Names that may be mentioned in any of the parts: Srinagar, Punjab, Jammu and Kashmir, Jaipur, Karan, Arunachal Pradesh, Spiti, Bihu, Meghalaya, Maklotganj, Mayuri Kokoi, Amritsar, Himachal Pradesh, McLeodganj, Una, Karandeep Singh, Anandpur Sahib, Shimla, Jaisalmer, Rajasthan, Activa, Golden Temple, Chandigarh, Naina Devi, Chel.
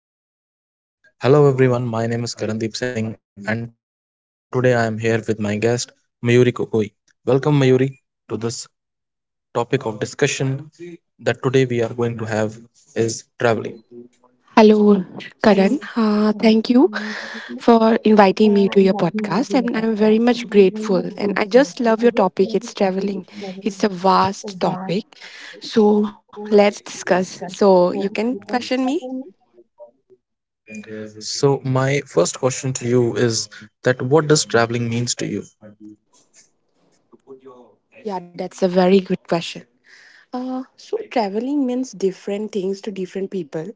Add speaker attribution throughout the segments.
Speaker 1: me to find myself. Hello everyone, my name is Karandeep Singh and today I am here with my guest Mayuri Kokoi. Welcome Mayuri to this topic of discussion that today we are going to have is traveling.
Speaker 2: Hello, Karan. Thank you for inviting me to your podcast, and I'm very much grateful. And I just love your topic. It's traveling. It's a vast topic, so let's discuss. So you can question me.
Speaker 1: So my first question to you is that what does traveling means to you?
Speaker 2: Yeah, that's a very good question. So traveling means different things to different people.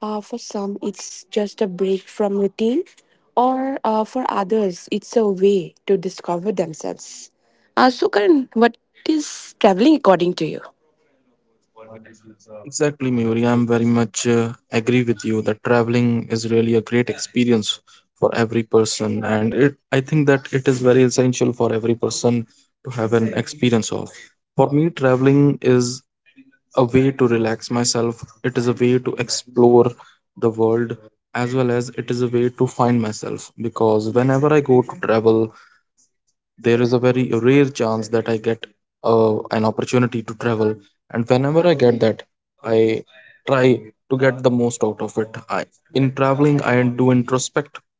Speaker 2: For some, it's just a break from routine, or for others, it's a way to discover themselves. So, Karan, what is traveling according to you?
Speaker 1: Exactly, Mayuri. I'm very much agree with you that traveling is really a great experience for every person, and it I think that it is very essential for every person to have an experience of. For me, traveling is a way to relax myself. It is a way to explore the world as well as it is a way to find myself because whenever I go to travel, there is a very rare chance that I get an opportunity to travel, and whenever I get that, I try to get the most out of it. I In traveling, I do introspect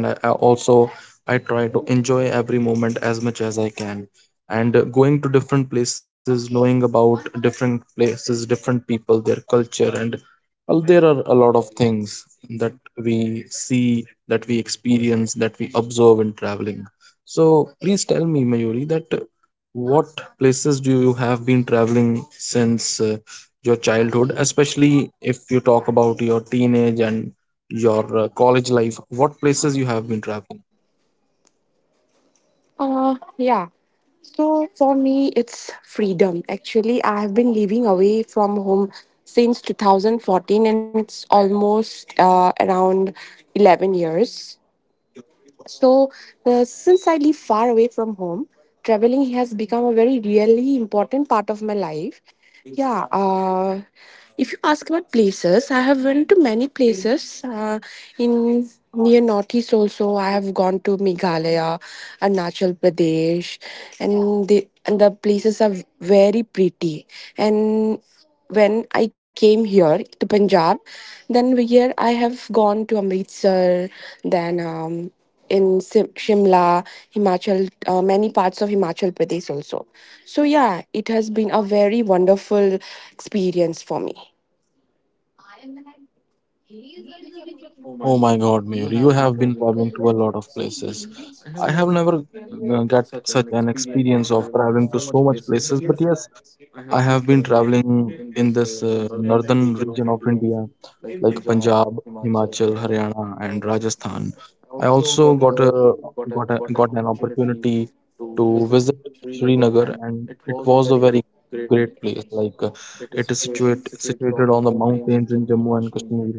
Speaker 1: and I also I try to enjoy every moment as much as I can. And Going to different places, knowing about different places, different people, their culture, and well, there are a lot of things that we see, that we experience, that we observe in traveling. So please tell me, Mayuri, that what places do you have been traveling since your childhood, especially if you talk about your teenage and your college life, what places you have been traveling?
Speaker 2: Uh, yeah. So for me, it's freedom. Actually, I have been living away from home since 2014, and it's almost around 11 years. So, since I live far away from home, traveling has become a very really important part of my life. Yeah, uh, if you ask about places, I have went to many places in near Northeast also. I have gone to Meghalaya, Arunachal Pradesh, and the places are very pretty. And when I came here to Punjab, here I have gone to Amritsar, then. In Shimla, Himachal, many parts of Himachal Pradesh also. So yeah, it has been a very wonderful experience for me.
Speaker 1: Oh my god, Mayur, you have been traveling to a lot of places. I have never got such an experience of traveling to so much places, but yes, I have been traveling in this northern region of India, like Punjab, Himachal, Haryana and Rajasthan. I also got an opportunity to visit Srinagar, and it was a very great place. Like it is situated on the mountains in Jammu and Kashmir,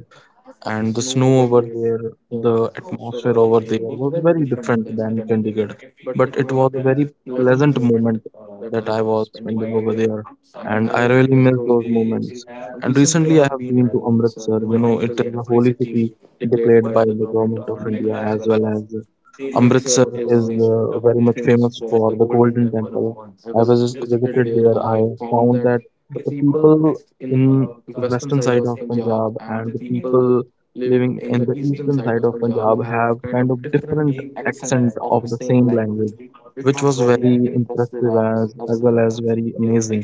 Speaker 1: and the snow over there, the atmosphere over there was very different than Chandigarh. But it was a very pleasant moment that I was spending over there, and I really miss those moments. And recently, I have been to Amritsar. It is a holy city declared by the government of India, as well as Amritsar is very much famous for the Golden Temple. I was visited there. I found that the people in western side of Punjab and the people living in the eastern side of Punjab have kind of different accent, the same language, which was very impressive as well as very amazing.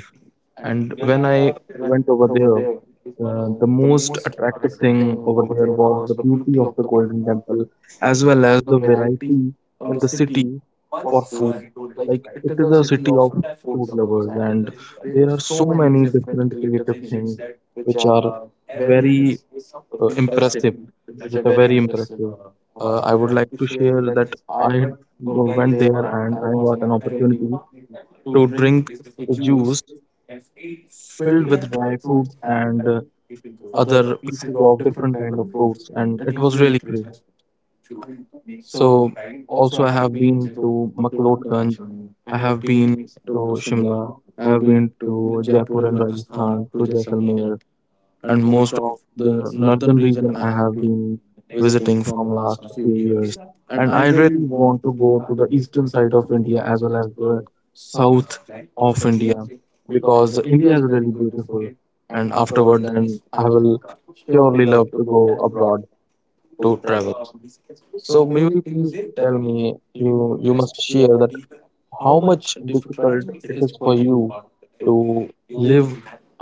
Speaker 1: And when I went over there, the most attractive thing over there was beauty of the Golden Temple as well as the beauty in the food. It is a city of food lovers, and there are so many different creative things which are very impressive. I would like to share that I went there and I got an opportunity to drink a juice filled with dry fruits and other pieces of different fruits, and it was really good. So, also, I have been to Maklotganj, I have been to Shimla, I have been to Jaipur and Rajasthan, Jaisalmer, and most of the northern. I have been visiting for years, and I really want to go to the east, south of India because India is really beautiful. And afterward, then I will surely love to go abroad to travel. So, Mayuri, please tell me, you must share that how much difficult it's for you to live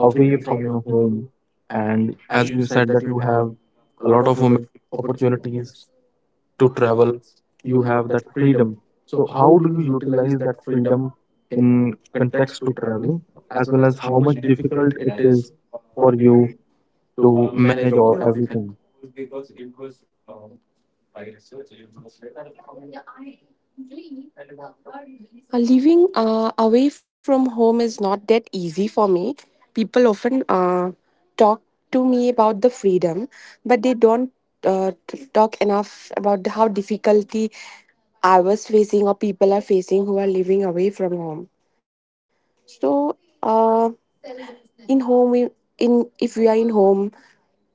Speaker 1: away from home, and as you have a lot of women opportunities to travel, you have that freedom. So how do you utilize that freedom in traveling, as well as how much difficult it is for you to manage all?
Speaker 2: Living away from home is not that easy for me. People often talk to me about the freedom, but they don't talk enough about how difficulty I was facing or people are facing who are living away from home. So, uh, in home, we in if we are in home,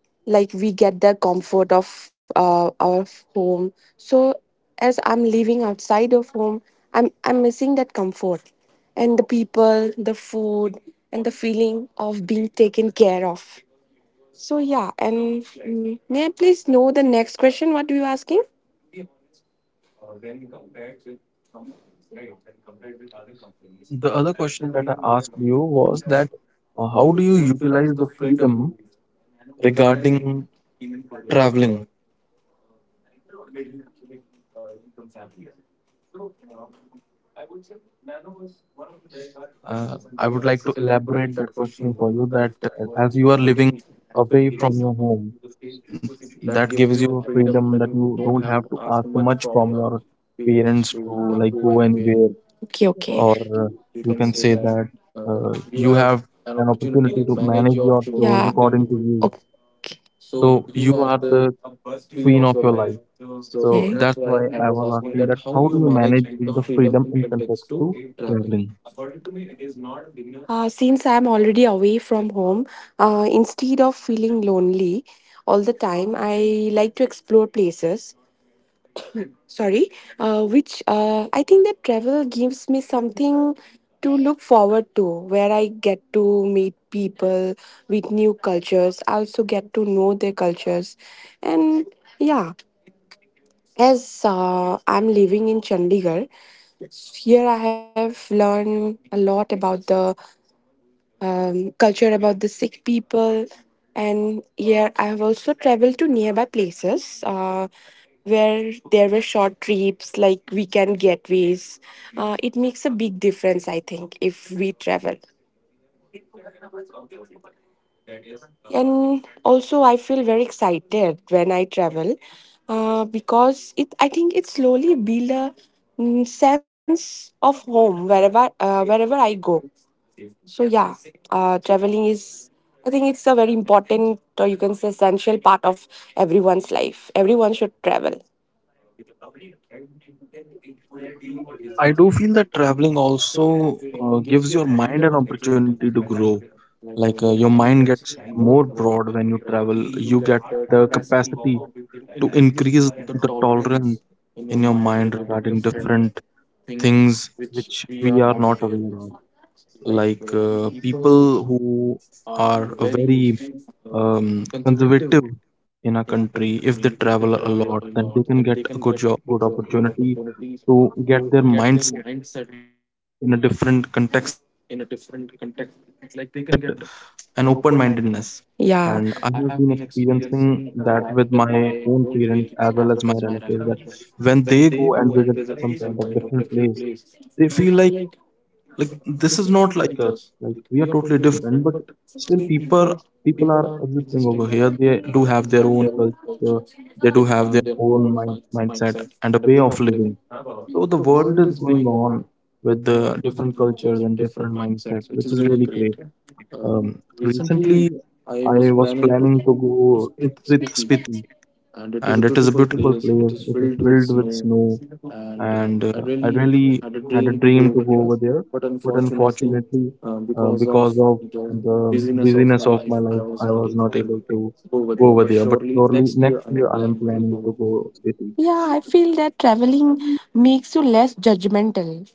Speaker 2: like we get the comfort of our home. So as I'm living outside of home, I'm missing that comfort, and the people, the food, and the feeling of being taken care of. So yeah. And may I please know the next question, what you asking?
Speaker 1: The other question that I asked you was that how do you utilize the freedom regarding traveling? I would like to elaborate for you that as you are living away from your home, that gives you a freedom that you don't have to ask much from your parents to like go anywhere,
Speaker 2: Okay, okay.
Speaker 1: or uh, you can say that you have
Speaker 2: An
Speaker 1: an
Speaker 2: opportunity
Speaker 1: opportunity
Speaker 2: to
Speaker 1: to manage
Speaker 2: manage
Speaker 1: your
Speaker 2: your children,
Speaker 1: chores
Speaker 2: yeah, according
Speaker 1: according
Speaker 2: to
Speaker 1: to
Speaker 2: you.
Speaker 1: you. So you are the queen of your life. So
Speaker 2: Okay,
Speaker 1: that's
Speaker 2: that's
Speaker 1: why I was asking that how do you manage the freedom in context to
Speaker 2: why
Speaker 1: traveling?
Speaker 2: since I'm already away from home, instead of feeling lonely all the time, I like to explore places. Sorry, which I think that travel gives me something to look forward to, where I get to meet people with new cultures, I also get to know their cultures, and yeah. As I'm living in Chandigarh, here I have learned a lot about the culture about the Sikh people. And here I have also traveled to nearby places where there were short trips like weekend getaways. It makes a big difference, I think, if we travel. And also, I feel very excited when I travel because it. I think it slowly build a sense of home wherever wherever I go. So yeah, traveling is, I think it's a very important or you can say essential part of everyone's life. Everyone should travel.
Speaker 1: I do feel that traveling also gives your mind an opportunity to grow. Like your mind gets more broad when you travel. You get the capacity to increase the tolerance in your mind regarding different things which we are not aware of. Like people who are a very um, conservative in a country, if they travel a lot, then they can get a good job, good opportunity to get their minds in a different context. Like they can get an open mindedness.
Speaker 2: Yeah,
Speaker 1: And I have been experiencing that with my own parents as well as my relatives that when they go and visit some kind of different place, they feel like, this is not like we are totally different, but people people are existing over here. They do have their own culture, they do have their own mindset and a way of living. So the world is going on with the different cultures and different mindsets. It's really great. um, I was planning to go, and it is a beautiful place, it is filled with snow, and I really had a dream to go over there, but unfortunately, because of the busyness of my life, I was not able to go over there. But surely next year, I am planning to go city.
Speaker 2: yeah. I feel that traveling makes you less judgmental.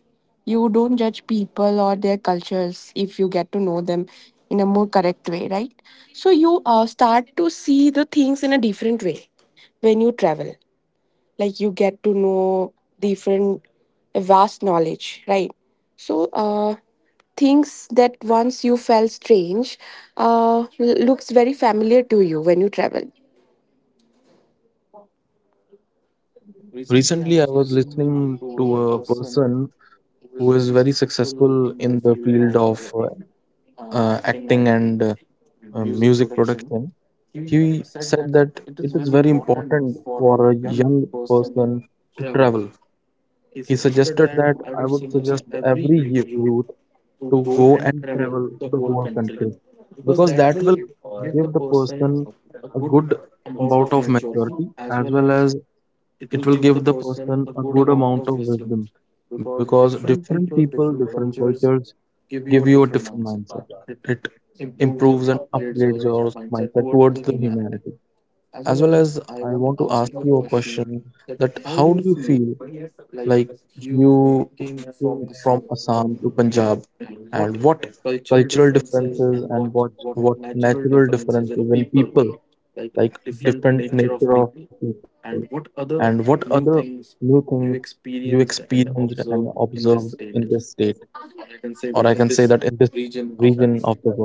Speaker 2: You don't judge people or their cultures if you get to know them in a more correct way, right? So you start to see the things in a different way when you travel, like you get to know different vast knowledge, right? So things that once you felt strange uh looks very familiar to you when you travel.
Speaker 1: Recently, I was listening to a person who is very successful in the field of acting and music production. He said that it is very important for a young person to travel. He suggested that I would suggest every youth to go and travel or country, because that will give the person a good amount of maturity, as well as it will give the person a good amount of wisdom, because different people, different cultures give you a different mindset, improves and upgrades your mindset towards the humanity. As well as, I want to ask you a question, that how do you feel, like you came from Assam to Punjab, and what cultural differences and what natural differences in people, like different nature of people, and what other new things you experienced and observed in this state, or I can say that in this region of the world.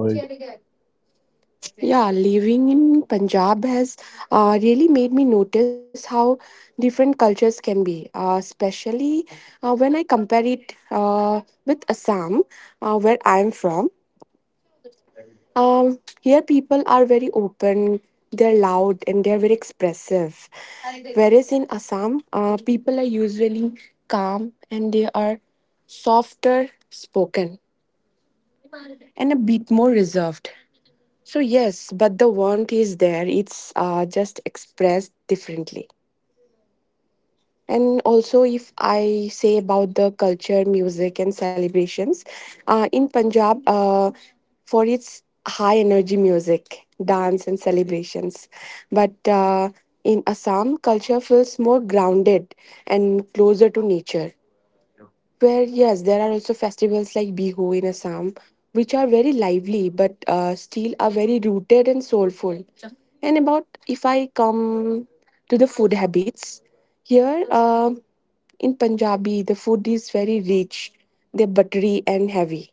Speaker 2: Yeah, living in Punjab has really made me notice how different cultures can be, especially when I compare it with Assam, where I'm from. Here people are very open, they're loud, and they're very expressive. Whereas in Assam, people are usually calm and they are softer spoken and a bit more reserved. So, yes, but the warmth is there, it's just expressed differently. And also, if I say about the culture, music, and celebrations, in Punjab, for its high energy music, dance, and celebrations. But in Assam, culture feels more grounded and closer to nature. Where, yes, there are also festivals like Bihu in Assam, which are very lively but still are very rooted and soulful. And about if I come to the food habits, here in Punjabi, the food is very rich, they're buttery and heavy.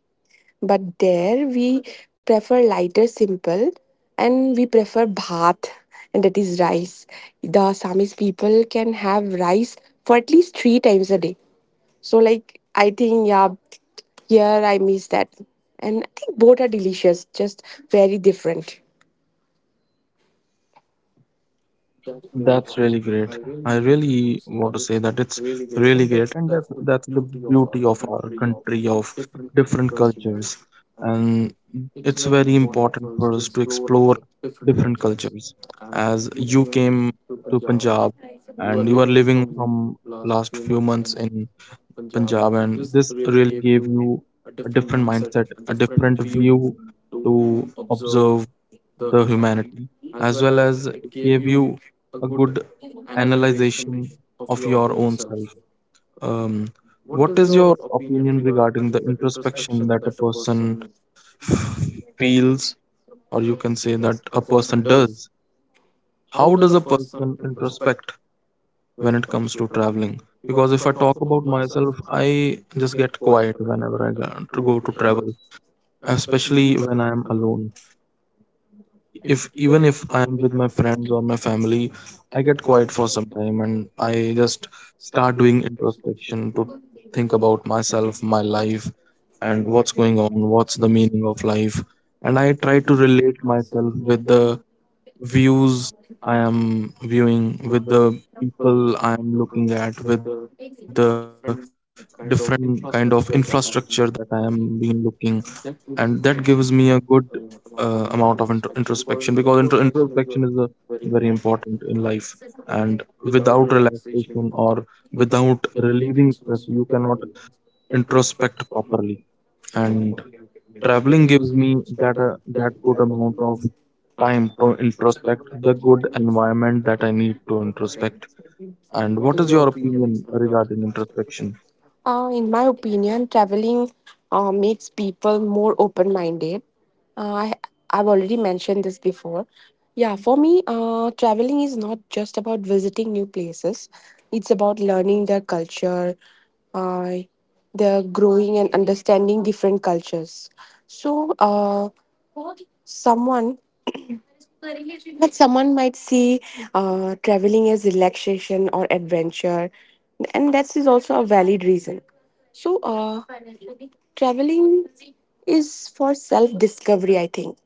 Speaker 2: But there we prefer lighter, simple, and we prefer bhat, and that is rice. The Assamese people can have rice for at least three times a day, so like I think, yeah, here I miss that. And I think both are delicious, just very different.
Speaker 1: That's really great. I really want to say that it's really great, and that's the beauty of our country of different cultures, and it's very important for us to explore different cultures. As you came to Punjab and you are living from last few months in Punjab, and this really gave you a different mindset, a different view to observe the humanity, as well as it gave you a good analyzation of your own self. Um, what is your opinion regarding the introspection that a person feels, or you can say that a person does? How does a person introspect when it comes to traveling? Because if I talk about myself, I just get quiet whenever I go to travel, especially when I am alone. If Even if I am with my friends or my family, I get quiet for some time and I just start doing introspection to think about myself, my life, and what's going on, what's the meaning of life. And I try to relate myself with the views I am viewing, with the people I am looking at, with the different kind of infrastructure that I am being looking, and that gives me a good amount of introspection, because introspection is very important in life, and without relaxation or without relieving stress you cannot introspect properly, and traveling gives me that good amount of time to introspect, the good environment that I need to introspect. And what is your opinion regarding introspection?
Speaker 2: In my opinion, traveling makes people more open minded. Uh, I, I've already mentioned this before. Yeah, for me, traveling is not just about visiting new places, it's about learning their culture, uh, their growing and understanding different cultures. So, someone But someone might see traveling as relaxation or adventure, and that is also a valid reason. So, traveling is for self discovery, I think.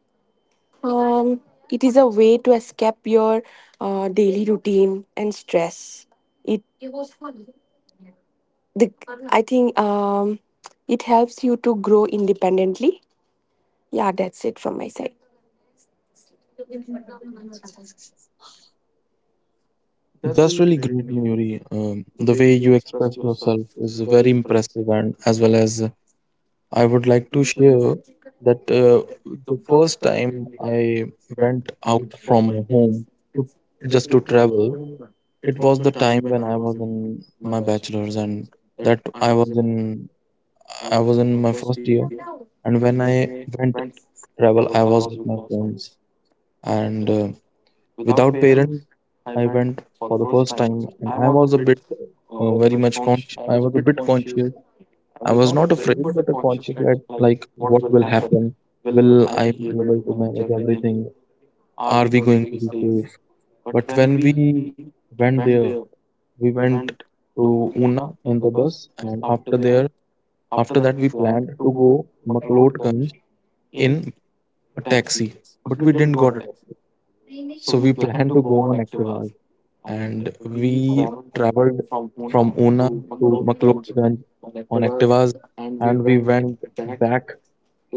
Speaker 2: Um, it is a way to escape your daily routine and stress. It, the, I think, it helps you to grow independently. Yeah, that's it from my side.
Speaker 1: That's really great, Mayuri. The way you express yourself is very impressive, and as well as I would like to share that the first time I went out from my home to, just to travel, it was the time when I was in my bachelor's, and that I was in my first year, and when I went travel, I was with my friends, and without parents, I went for the first time, and I was a bit, very much conscious. I was a bit conscious. I was not afraid, but a conscious that like what will happen? Will I be able to manage everything? Are we going to be safe? But when we went there, we went to Una in the bus, and after that, we planned to go McLeodganj in a taxi, but we didn't got it. So we planned to go on Activa, and we traveled from Una to McLeodganj on Activas, and we went back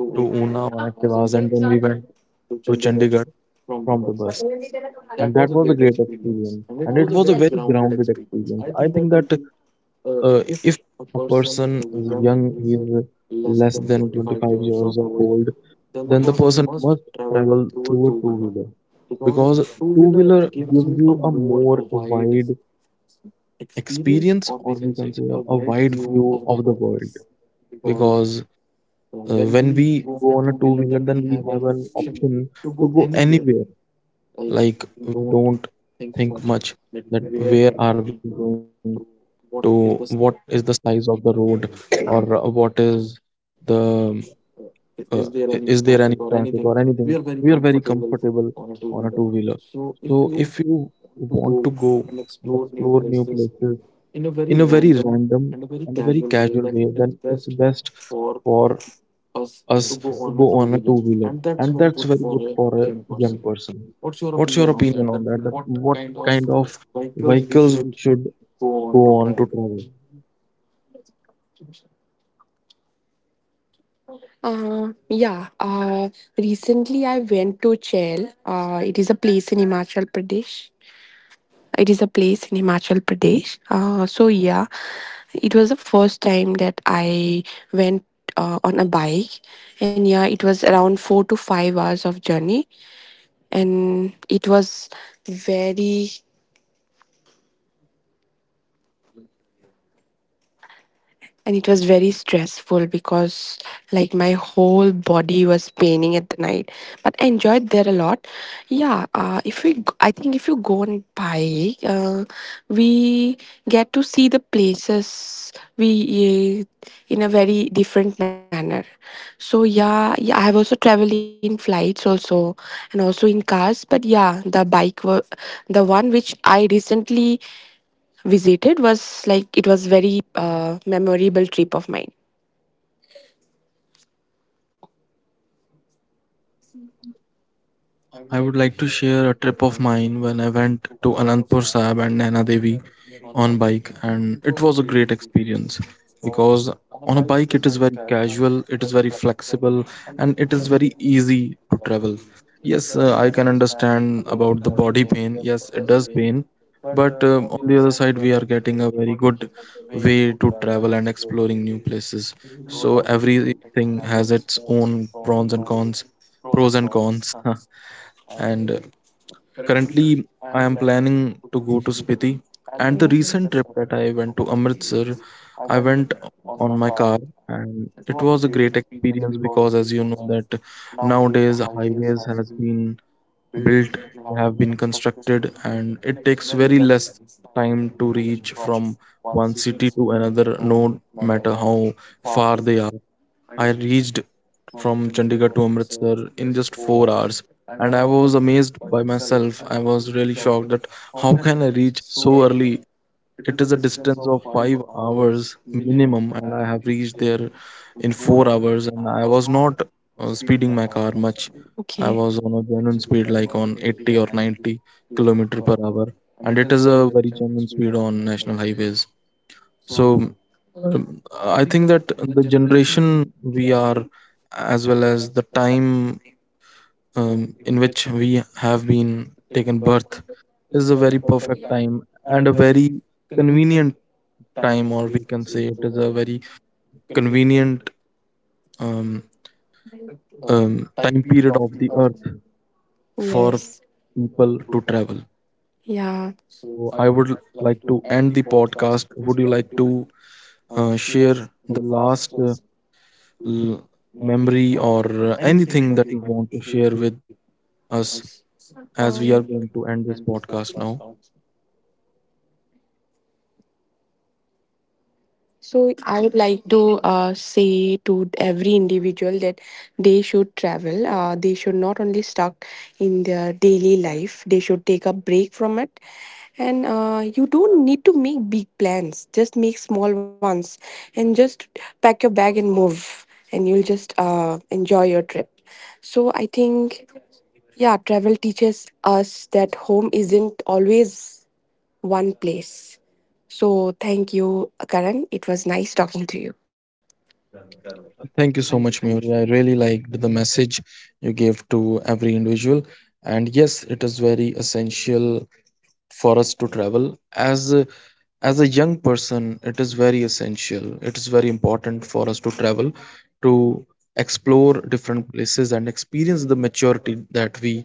Speaker 1: to Una on Activas, and then we went to Chandigarh from the bus. And that was a great experience, and it was a very grounded experience. I think that if a person is young, he is less than 25 years of old, then the person must travel through a two wheeler, because two wheeler gives you a more wide experience, or we can say a wide view of the world. Because when we go on a two wheeler, then we have an option to go anywhere. Like, we don't think much that where are we going to, what is the size of the road, or what is the uh, is there any traffic or anything. We are very comfortable on a two wheeler. So if you want to go and explore new places in a very random and a very casual way, then it's best for us to go on a two wheeler. And that's very good for a young person. What's your opinion on that? That what kind of vehicles we should go on to travel?
Speaker 2: Uh, yeah. Uh, Recently, I went to Chel. It is a place in Himachal Pradesh. It is a place in Himachal Pradesh. So yeah, it was the first time that I went on a bike, and yeah, it was around 4 to 5 hours of journey, and it was very very stressful because like my whole body was paining at the night, but I enjoyed there a lot. Yeah if I think if you go on bike, we get to see the places we in a very different manner. So yeah, yeah, I have also traveled in flights also and also in cars. But yeah, the bike were the one which I recently visited was like, it was very memorable trip of mine.
Speaker 1: I would like to share a trip of mine when I went to Anandpur Sahib and Naina Devi on bike, and it was a great experience because on a bike it is very casual, it is very flexible, and it is very easy to travel. Yes, I can understand about the body pain. Yes, it does pain, but on the other side, we are getting a very good way to travel and exploring new places. So everything has its own pros and cons. Pros and cons. and currently, I am planning to go to Spiti, and the recent trip
Speaker 2: Yeah.
Speaker 1: that I went to Amritsar, I went on my car, and it was a great experience because, as you know, that nowadays highways has been built, they have been constructed, and it takes very less time to reach from one city to another, no matter how far they are. I reached from Chandigarh to Amritsar in just 4 hours. And I was amazed by myself. I was really shocked that how can I reach so early? It is a distance of 5 hours minimum, and I have reached there in 4 hours. And I was not speeding my car much. I
Speaker 2: Okay.
Speaker 1: was on a genuine speed, like on 80 or 90 kilometer per hour, and it is a very genuine speed on national highways. So I think that the generation we are, as well as the time in which we have been taken birth, is a very perfect time and a very convenient time, or we can say it is a very convenient, um, time period of the earth for
Speaker 2: Yes.
Speaker 1: people to travel.
Speaker 2: Yeah.
Speaker 1: So I would like to end the podcast. Would you like to share the last? L- Memory, or anything that you want to share with us, as we
Speaker 2: Um,
Speaker 1: are going to end this podcast now?
Speaker 2: So I would like to say to every individual that they should travel. They should not only stuck in their daily life. They should take a break from it. And you don't need to make big plans. Just make small ones, and just pack your bag and move, and you'll just enjoy your trip. So I think, yeah, travel teaches us that home isn't always one place. So thank you, Karan. It was nice talking to you.
Speaker 1: Thank you so much, Mayuri. I really liked the message you gave to every individual. And yes, it is very essential for us to travel. As as a young person, it is very essential, it is very important for us to travel, to explore different places and experience the maturity that we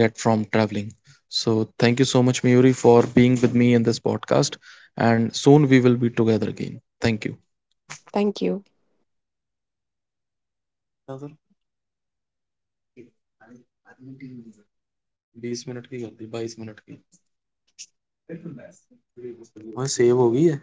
Speaker 1: get from traveling. So thank you so much, Mayuri, for being with me in this podcast, and soon we will be together again. Thank you.
Speaker 2: Thank you.
Speaker 1: 20 minute की गलती, 22 minute की. हाँ, save हो गई है.